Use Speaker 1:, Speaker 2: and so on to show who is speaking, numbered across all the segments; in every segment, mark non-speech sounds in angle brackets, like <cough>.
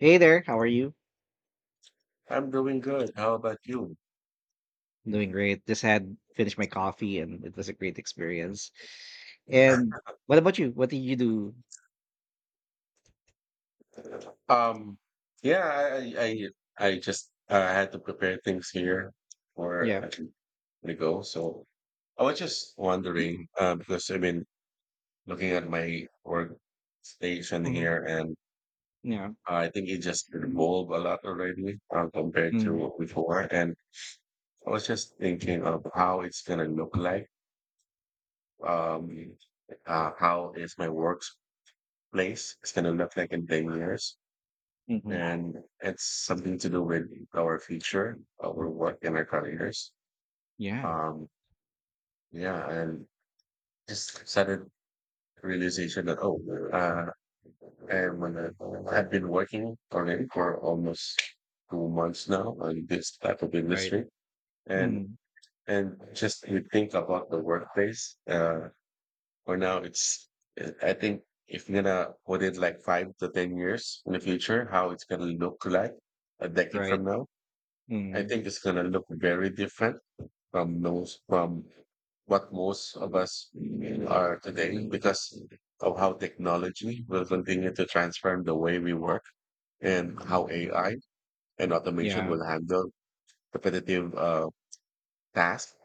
Speaker 1: Hey there, how are you?
Speaker 2: I'm doing good. How about you?
Speaker 1: I'm doing great. Just had finished my coffee and it was a great experience. And what about you? What did you do?
Speaker 2: Um, yeah, I just had to prepare things here for
Speaker 1: Yeah.
Speaker 2: to go. So I was just wondering
Speaker 1: <laughs>
Speaker 2: because I've been looking at my work station
Speaker 1: Mm-hmm.
Speaker 2: here, and
Speaker 1: Yeah.
Speaker 2: I think it just evolved a lot already compared
Speaker 1: Mm-hmm.
Speaker 2: to before. And I was just thinking of how it's gonna look like. Um, how is my workplace? It's gonna look like in 10 years.
Speaker 1: Mm-hmm.
Speaker 2: And it's something to do with our future, our work, and our careers.
Speaker 1: Yeah.
Speaker 2: Um, yeah, and just started realization that oh, uh, I'm gonna, I've been working on it for almost 2 months now on this type of
Speaker 1: Right.
Speaker 2: industry, and
Speaker 1: Mm-hmm.
Speaker 2: and just you think about the workplace. For now, it's I think if you're gonna put it like 5 to 10 years in the future, how it's gonna look like a decade
Speaker 1: Right.
Speaker 2: from now. I
Speaker 1: Mm-hmm.
Speaker 2: think it's gonna look very different from those from what most of us are today because of how technology will continue to transform the way we work, and how AI and automation
Speaker 1: Yeah.
Speaker 2: will handle repetitive tasks,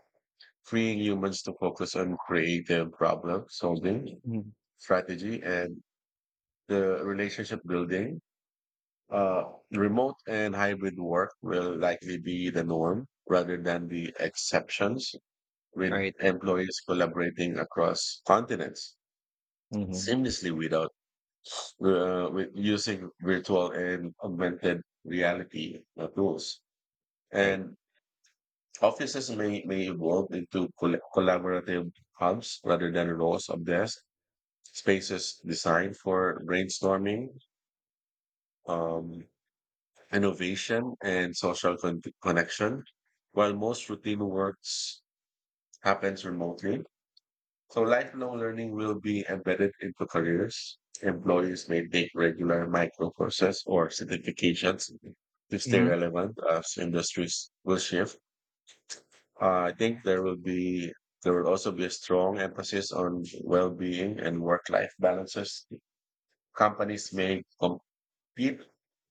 Speaker 2: freeing humans to focus on creative problem solving,
Speaker 1: Mm-hmm.
Speaker 2: strategy, and the relationship building. Remote and hybrid work will likely be the norm rather than the exceptions, with
Speaker 1: Right.
Speaker 2: employees collaborating across continents
Speaker 1: Mm-hmm.
Speaker 2: seamlessly without with using virtual and augmented reality tools.
Speaker 1: Right.
Speaker 2: And offices may evolve into collaborative hubs rather than rows of desks, spaces designed for brainstorming, um, innovation, and social connection, while most routine works happens remotely. So lifelong learning will be embedded into careers. Employees may take regular micro courses or certifications to stay
Speaker 1: Mm-hmm.
Speaker 2: relevant as industries will shift. I think there will be there will also be a strong emphasis on well-being and work-life balances. Companies may compete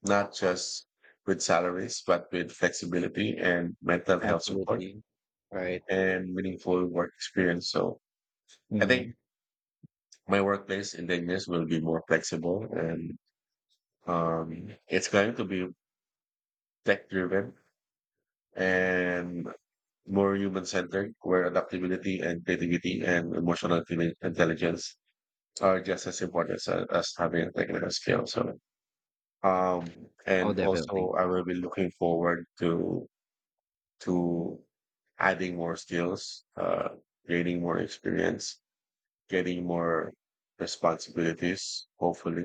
Speaker 2: not just with salaries, but with flexibility and mental health support
Speaker 1: Absolutely. Right.
Speaker 2: and meaningful work experience. So I
Speaker 1: Mm-hmm.
Speaker 2: think my workplace in 10 years will be more flexible and it's going to be tech driven and more human centered, where adaptability and creativity and emotional intelligence are just as important as having a technical skill. So,
Speaker 1: Oh,
Speaker 2: and also
Speaker 1: definitely.
Speaker 2: I will be looking forward to adding more skills, gaining more experience, getting more responsibilities, hopefully.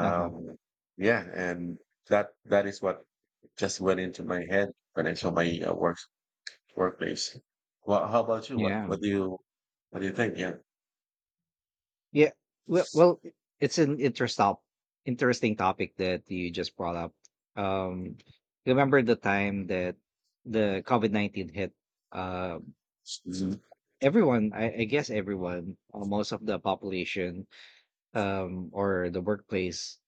Speaker 1: Uh-huh.
Speaker 2: yeah, and that is what just went into my head when I saw my work workplace. Well, how about you? What
Speaker 1: Yeah.
Speaker 2: what do you what do you think? Yeah.
Speaker 1: Yeah. Well, it's an interesting topic that you just brought up. Um, remember the time that the COVID-19 hit? Uh,
Speaker 2: Mhm.
Speaker 1: everyone, I guess everyone, or most of the population, or the workplace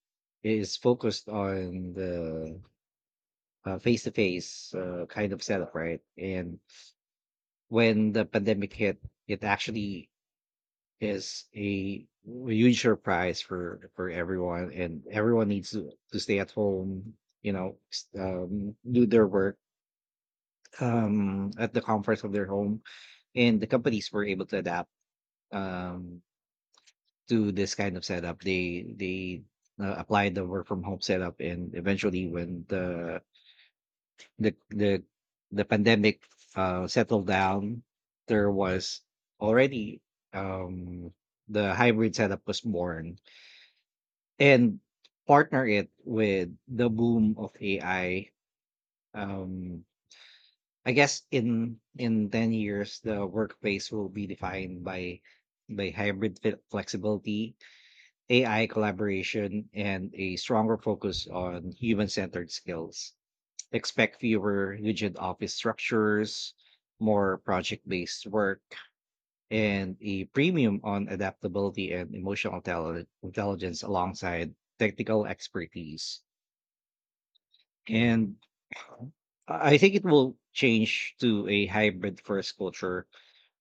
Speaker 1: is focused on the face to face kind of setup, right? And when the pandemic hit, it actually is a huge surprise for everyone, and everyone needs to stay at home, do their work at the comforts of their home, and the companies were able to adapt um to this kind of setup. They applied the work from home setup, and eventually, when the the, the pandemic settled down, there was already, um the hybrid setup was born, and partner it with the boom of AI. Um, I guess in 10 years, the workplace will be defined by hybrid flexibility, AI collaboration, and a stronger focus on human centered skills. Expect fewer rigid office structures, more project based work, and a premium on adaptability and emotional intelligence alongside technical expertise. And I think it will change to a hybrid first culture.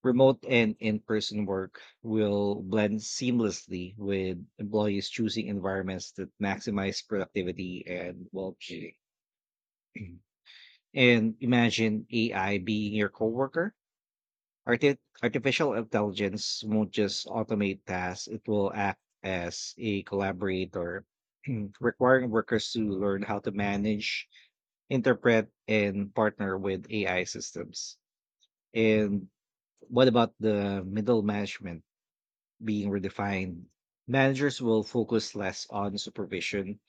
Speaker 1: Remote and in person work will blend seamlessly with employees choosing environments that maximize productivity and well being. And imagine AI being your coworker. Artificial intelligence won't just automate tasks, it will act as a collaborator, <clears throat> requiring workers to learn how to manage, interpret, and partner with AI systems. And what about the middle management being redefined? Managers will focus less on supervision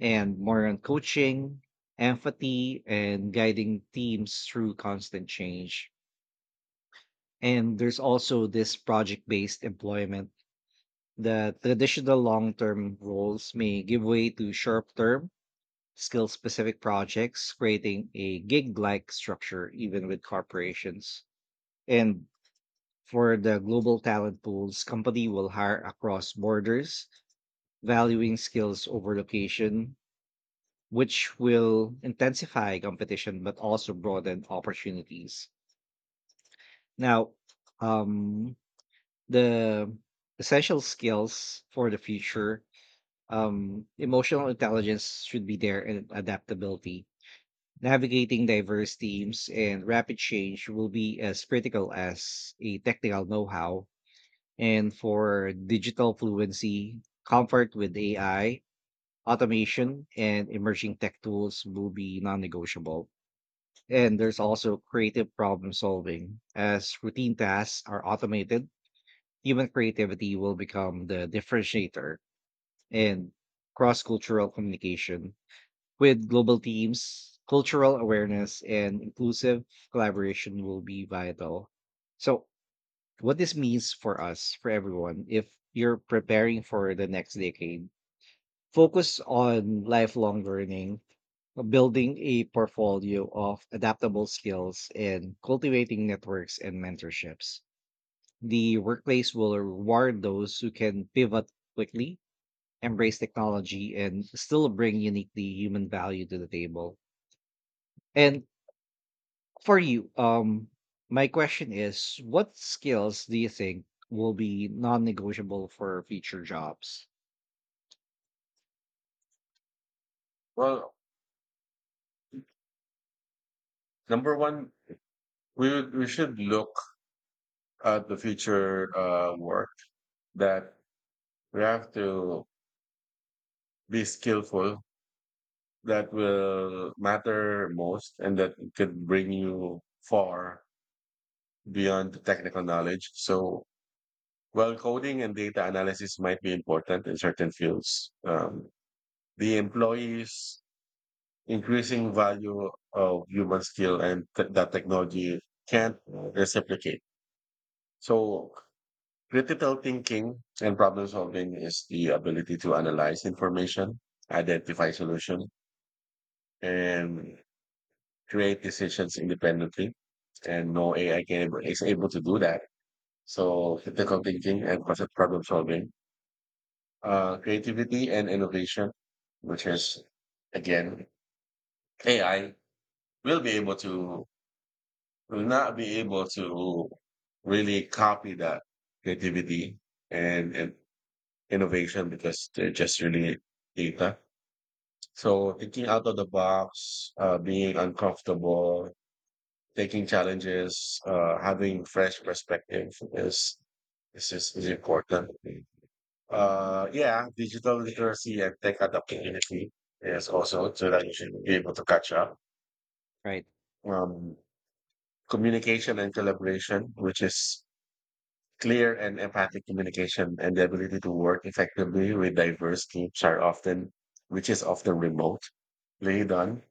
Speaker 1: and more on coaching, empathy, and guiding teams through constant change. And there's also this project based employment. The traditional long term roles may give way to short term skill specific projects, creating a gig like structure even with corporations. And for the global talent pools, company will hire across borders, valuing skills over location, which will intensify competition but also broaden opportunities. Now, um, the essential skills for the future, emotional intelligence should be there, and adaptability. Navigating diverse teams and rapid change will be as critical as a technical know how. And for digital fluency, comfort with AI, automation, and emerging tech tools will be non negotiable. And there's also creative problem solving. As routine tasks are automated, human creativity will become the differentiator, and cross cultural communication with global teams, cultural awareness, and inclusive collaboration will be vital. So, what this means for us, for everyone: if you're preparing for the next decade, focus on lifelong learning, building a portfolio of adaptable skills, and cultivating networks and mentorships. The workplace will reward those who can pivot quickly, embrace technology, and still bring uniquely human value to the table. And for you, my question is, what skills do you think will be non negotiable for future jobs?
Speaker 2: Well, number one, we should look at the future work that we have to be skillful, that will matter most and that could bring you far beyond the technical knowledge. So while coding and data analysis might be important in certain fields, the employees' increasing value of human skill and that technology can't reciprocate. So, critical thinking and problem solving is the ability to analyze information, identify solution, and create decisions independently. And no AI can, is able to do that. So, critical thinking and problem solving, creativity and innovation, which is again AI will be able to will not be able to really copy that creativity and innovation, because they're just really data. So thinking out of the box, being uncomfortable, taking challenges, having fresh perspective is important. Yeah, digital literacy and tech adaptability is also, so that you should be able to catch up.
Speaker 1: Right,
Speaker 2: Um, communication and collaboration, which is clear and empathic communication and the ability to work effectively with diverse teams are often, which is often remote. Lay done,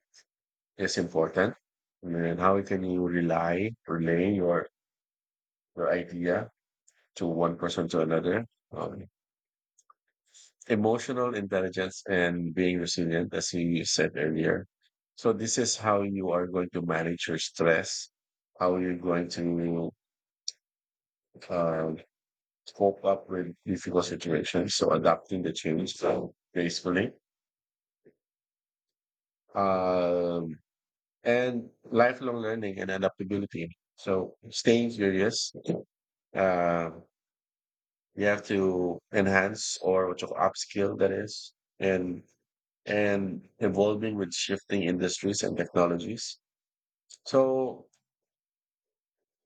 Speaker 2: is important. And then how can you rely, relay your idea to one person to another? Um, emotional intelligence and being resilient, as you said earlier. So this is how you are going to manage your stress, how you're going to uh, cope up with difficult situations. So adapting the change so gracefully, um, and lifelong learning and adaptability. So staying curious. Uh, you have to enhance or what you upskill that is, and evolving with shifting industries and technologies. So,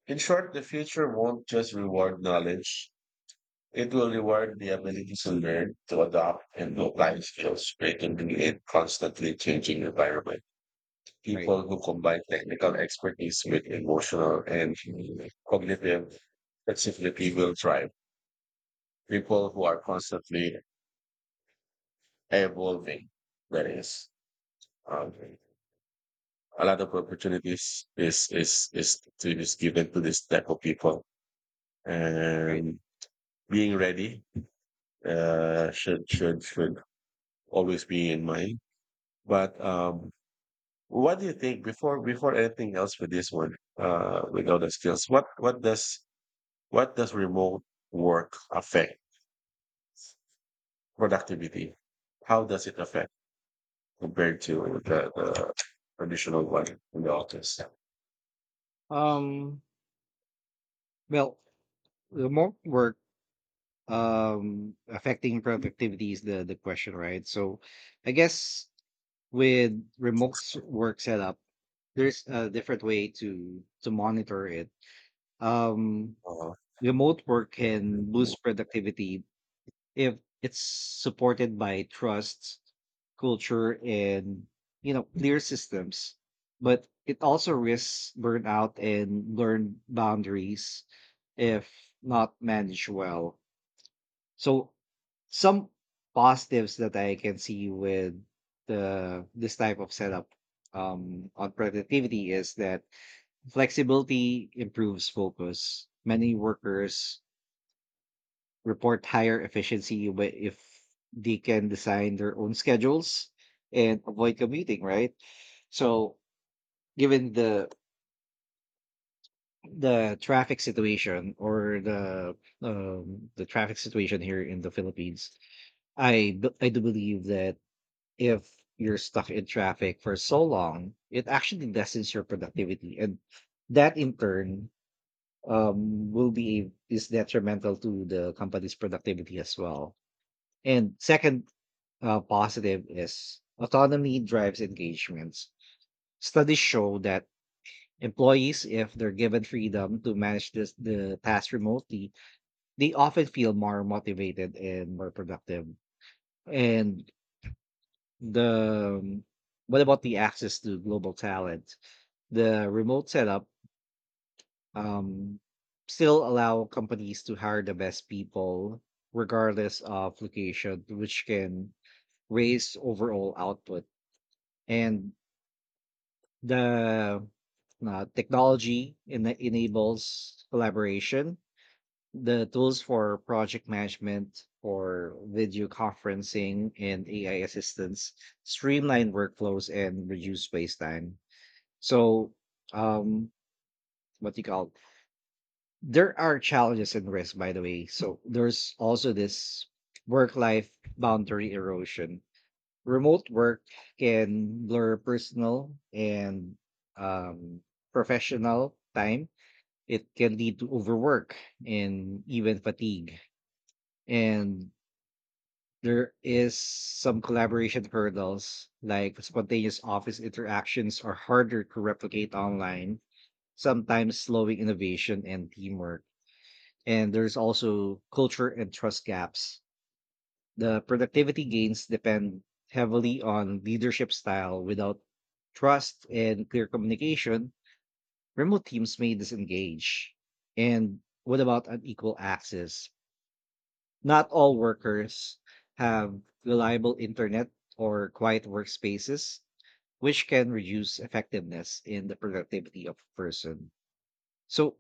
Speaker 2: in short, the future won't just reward knowledge, it will reward the ability to learn, to adopt, and to apply skills, creatively in constantly changing environment.
Speaker 1: right,
Speaker 2: People who combine technical expertise with emotional and cognitive flexibility will thrive. People who are constantly evolving, that is. Um, a lot of opportunities is given to this type of people,
Speaker 1: right.
Speaker 2: and being ready should always be in mind. But what do you think, before anything else, for this one, with all the skills, what does remote work affect productivity, how does it affect compared to the traditional one in the office?
Speaker 1: Um, well, remote work, affecting productivity, is the question, right? So I guess with remote work setup, there's a different way to monitor it. um
Speaker 2: uh,
Speaker 1: Remote work can boost productivity if it's supported by trust culture and, clear systems, but it also risks burnout and blurred boundaries if not managed well. So, some positives that I can see with the this type of setup, on productivity, is that flexibility improves focus. Many workers report higher efficiency, if they can design their own schedules and avoid commuting, right? So, given the traffic situation, or the traffic situation here in the Philippines, I do believe that if you're stuck in traffic for so long, it actually lessens your productivity, and that in turn, will be is detrimental to the company's productivity as well. And second, positive is autonomy drives engagements. Studies show that employees, if they're given freedom to manage this the task remotely, they often feel more motivated and more productive. And The what about the access to global talent? The remote setup, um, still allow companies to hire the best people regardless of location, which can raise overall output. And the technology enables collaboration. The tools for project management, for video conferencing, and AI assistance streamline workflows and reduce waste time. So, um, what do you call? There are challenges and risks, by the way. So there's also this work-life boundary erosion. Remote work can blur personal and, um, professional time. It can lead to overwork and even fatigue. And there is some collaboration hurdles, like spontaneous office interactions are harder to replicate online, sometimes slowing innovation and teamwork. And there's also culture and trust gaps. The productivity gains depend heavily on leadership style. Without trust and clear communication, remote teams may disengage. And what about unequal access? Not all workers have reliable internet or quiet workspaces, which can reduce effectiveness in the productivity of a person. So,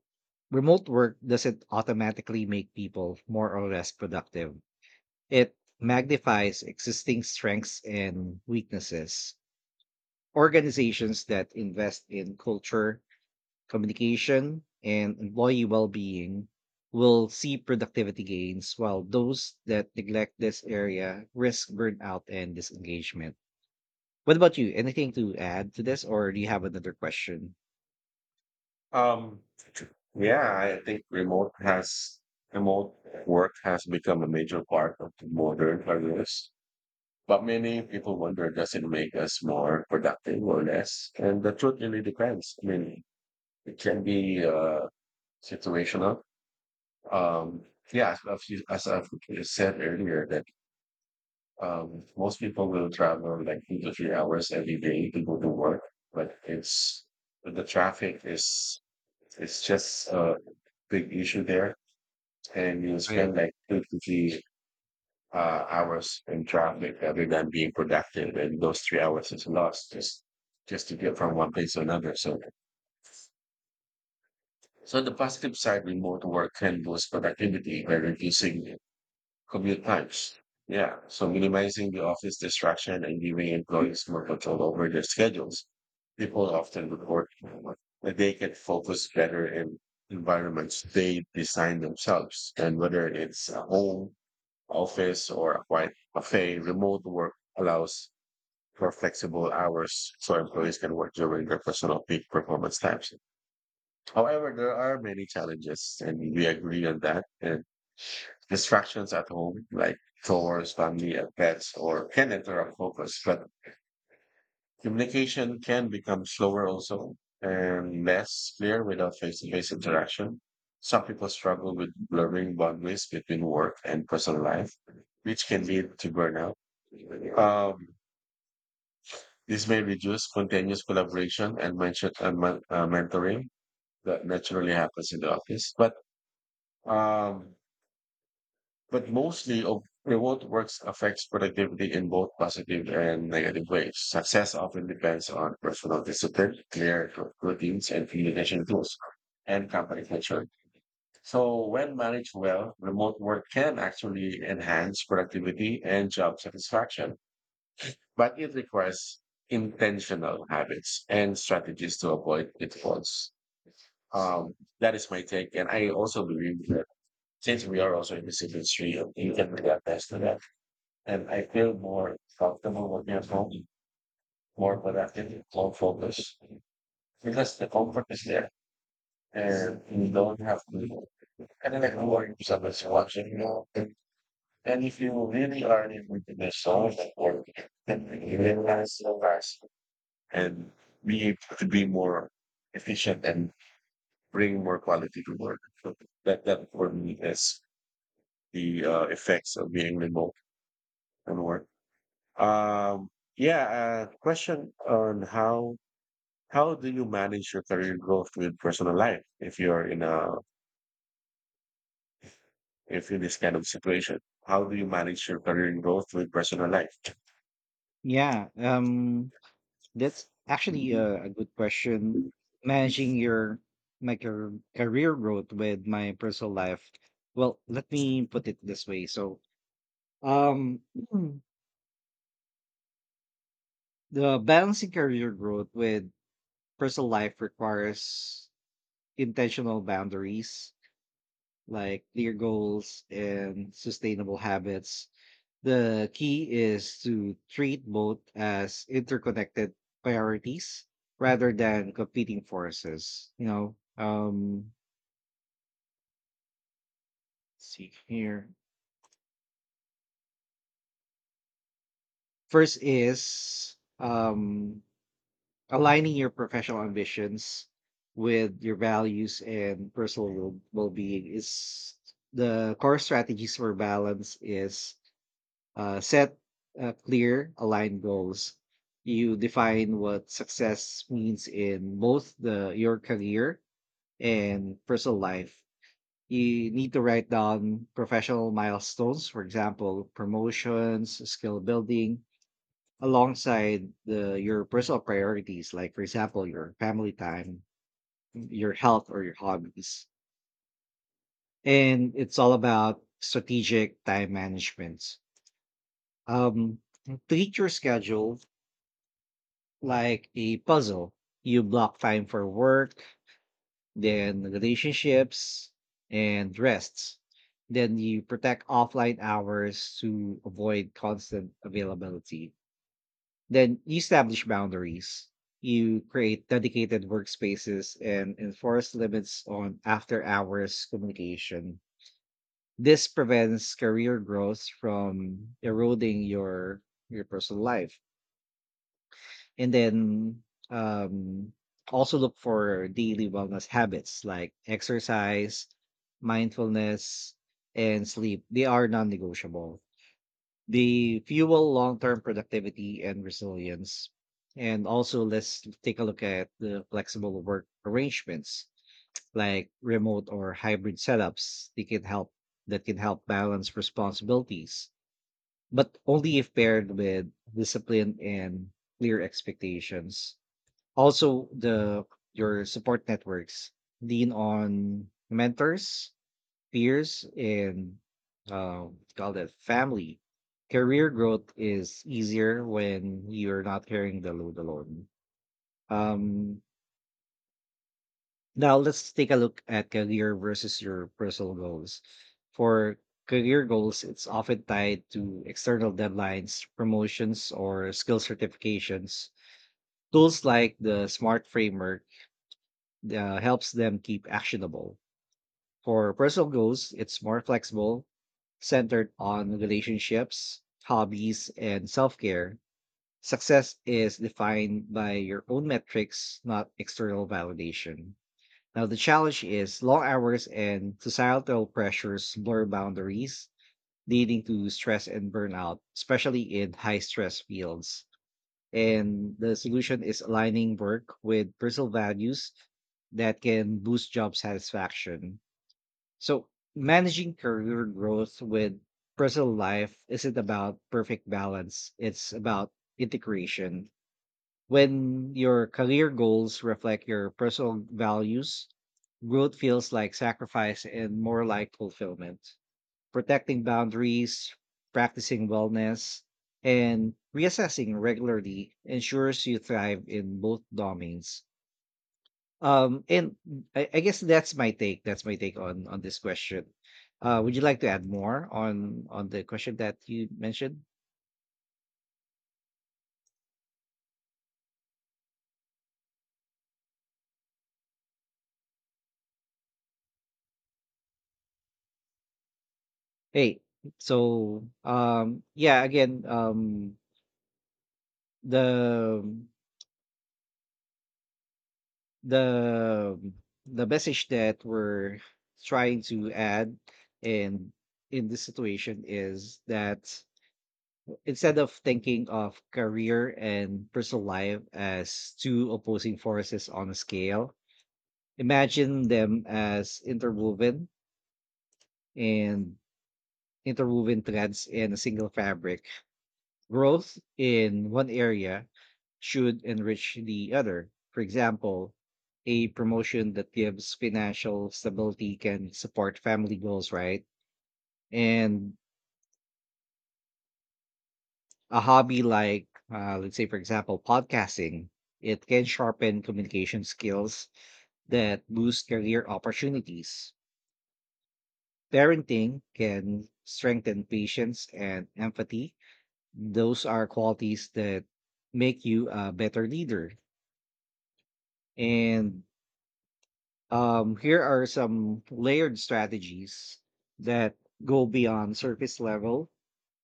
Speaker 1: remote work doesn't automatically make people more or less productive. It magnifies existing strengths and weaknesses. Organizations that invest in culture, communication, and employee well being will see productivity gains, while those that neglect this area risk burnout and disengagement. What about you? Anything to add to this, or do you have another question?
Speaker 2: Um, yeah, I think remote work has become a major part of the modern careers. But many people wonder, does it make us more productive or less? And the truth really depends. I mean, it can be situational. Um, yeah, as I've said earlier, that most people will travel like 2 to 3 hours every day to go to work, but it's the traffic is it's just big issue there. And you
Speaker 1: Right.
Speaker 2: spend like two to three hours in traffic rather than being productive. And those 3 hours is lost just to get from one place to another. So, so on the positive side, remote work can boost productivity by reducing commute times. Yeah. So minimizing the office distraction and giving employees more control over their schedules. People often report that they can focus better in environments they design themselves. And whether it's a home office or quite cafe, remote work allows for flexible hours, so employees can work during their personal peak performance times. However, there are many challenges, and we agree on that. And distractions at home, like chores, family, and pets, or can interrupt focus. But communication can become slower also and less clear without face-to-face interaction. Some people struggle with blurring boundaries between work and personal life, which can lead to burnout. Um, this may reduce spontaneous collaboration and mentoring that naturally happens in the office. Um, But mostly of remote works affects productivity in both positive and negative ways. Success often depends on personal discipline, clear routines and communication tools, and company culture. So when managed well, remote work can actually enhance productivity and job satisfaction, but it requires intentional habits and strategies to avoid pitfalls. Um, that is my take. And I also believe that since we are also in this industry, you can really attest to that, and I feel more comfortable working you home, more productive, more focused. Because the comfort is there and you don't have to, and then of like worry if someone's watching, you know. And if you really are able to do so much work, then you realize the last and be able to be more efficient and bring more quality to work. So that for me is the effects of being remote and work. Um, yeah, question on how do you manage your career growth with personal life if you're in a if in this kind of situation? How do you manage your career growth with personal life?
Speaker 1: Yeah. That's actually a good question. Managing your my car- career growth with my personal life. Well, let me put it this way. So, um, <clears throat> mm, the balancing career growth with personal life requires intentional boundaries, like clear goals and sustainable habits. The key is to treat both as interconnected priorities rather than competing forces. See here. First is, aligning your professional ambitions with your values and personal well being is the core strategies for balance is. Set clear, aligned goals. You define what success means in both the your career and personal life. You need to write down professional milestones, for example, promotions, skill building, alongside the your personal priorities, like, for example, your family time, your health, or your hobbies. And it's all about strategic time management. Um, treat your schedule like a puzzle. You block time for work, then relationships and rests. Then you protect offline hours to avoid constant availability. Then you establish boundaries. You create dedicated workspaces and enforce limits on after hours communication. This prevents career growth from eroding your personal life. And then, um also, look for daily wellness habits like exercise, mindfulness, and sleep. They are non-negotiable. They fuel long-term productivity and resilience. And also, let's take a look at the flexible work arrangements, like remote or hybrid setups. They can help that can help balance responsibilities, but only if paired with discipline and clear expectations. Also, the your support networks. Lean on mentors, peers, and, uh call that family. Career growth is easier when you're not carrying the load alone. Um now, let's take a look at career versus your personal goals. For career goals, it's often tied to external deadlines, promotions, or skill certifications. Tools like the smart framework, helps them keep actionable. For personal goals, it's more flexible, centered on relationships, hobbies, and self care. Success is defined by your own metrics, not external validation. Now, the challenge is long hours and societal pressures blur boundaries, leading to stress and burnout, especially in high stress fields. And the solution is aligning work with personal values that can boost job satisfaction. So, managing career growth with personal life isn't about perfect balance, it's about integration. When your career goals reflect your personal values, growth feels like sacrifice and more like fulfillment. Protecting boundaries, practicing wellness, and reassessing regularly ensures you thrive in both domains. And I guess that's my take. That's my take on this question. Would you like to add more on the question that you mentioned? Hey, so, yeah, again, the the the message that we're trying to add in in this situation is that instead of thinking of career and personal life as two opposing forces on a scale, imagine them as and interwoven threads in a single fabric. Growth in one area should enrich the other. For example, a promotion that gives financial stability can support family goals, right? And a hobby like, let's say, for example, podcasting, it can sharpen communication skills that boost career opportunities. Parenting can strengthen patience and empathy. Those are qualities that make you a better leader. And, here are some layered strategies that go beyond surface level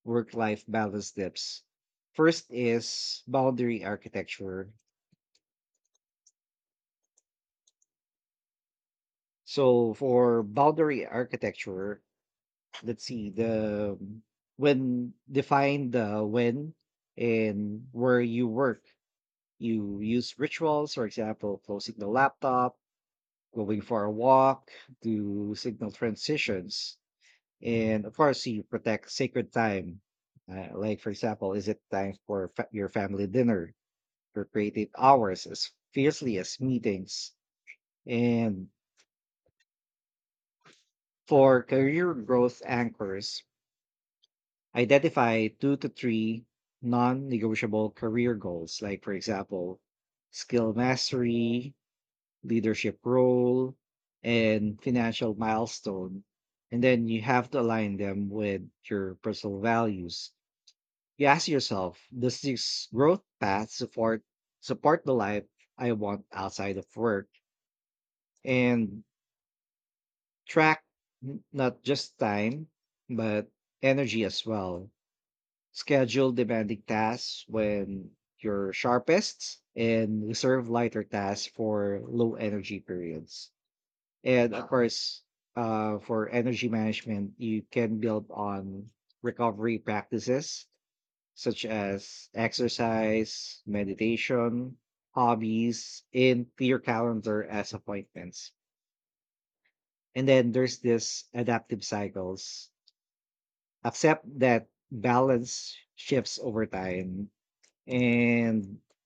Speaker 1: work life balance tips. First is boundary architecture. So, for boundary architecture, let's see, the when define the when and where you work. You use rituals, for example, closing the laptop, going for a walk to signal transitions. And of course, you protect sacred time. Like, for example, is it time for your family dinner for creative hours as fiercely as meetings? And for career growth anchors, identify two to three non negotiable career goals. Like, for example, skill mastery, leadership role, and financial milestone. And then you have to align them with your personal values. You ask yourself, does this growth path support the life I want outside of work? And track not just time, but energy as well. Schedule demanding tasks when you're sharpest and reserve lighter tasks for low energy periods. And of course, for energy management, you can build on recovery practices such as exercise, meditation, hobbies, and your calendar as appointments. And then there's this adaptive cycles. Accept that balance shifts over time and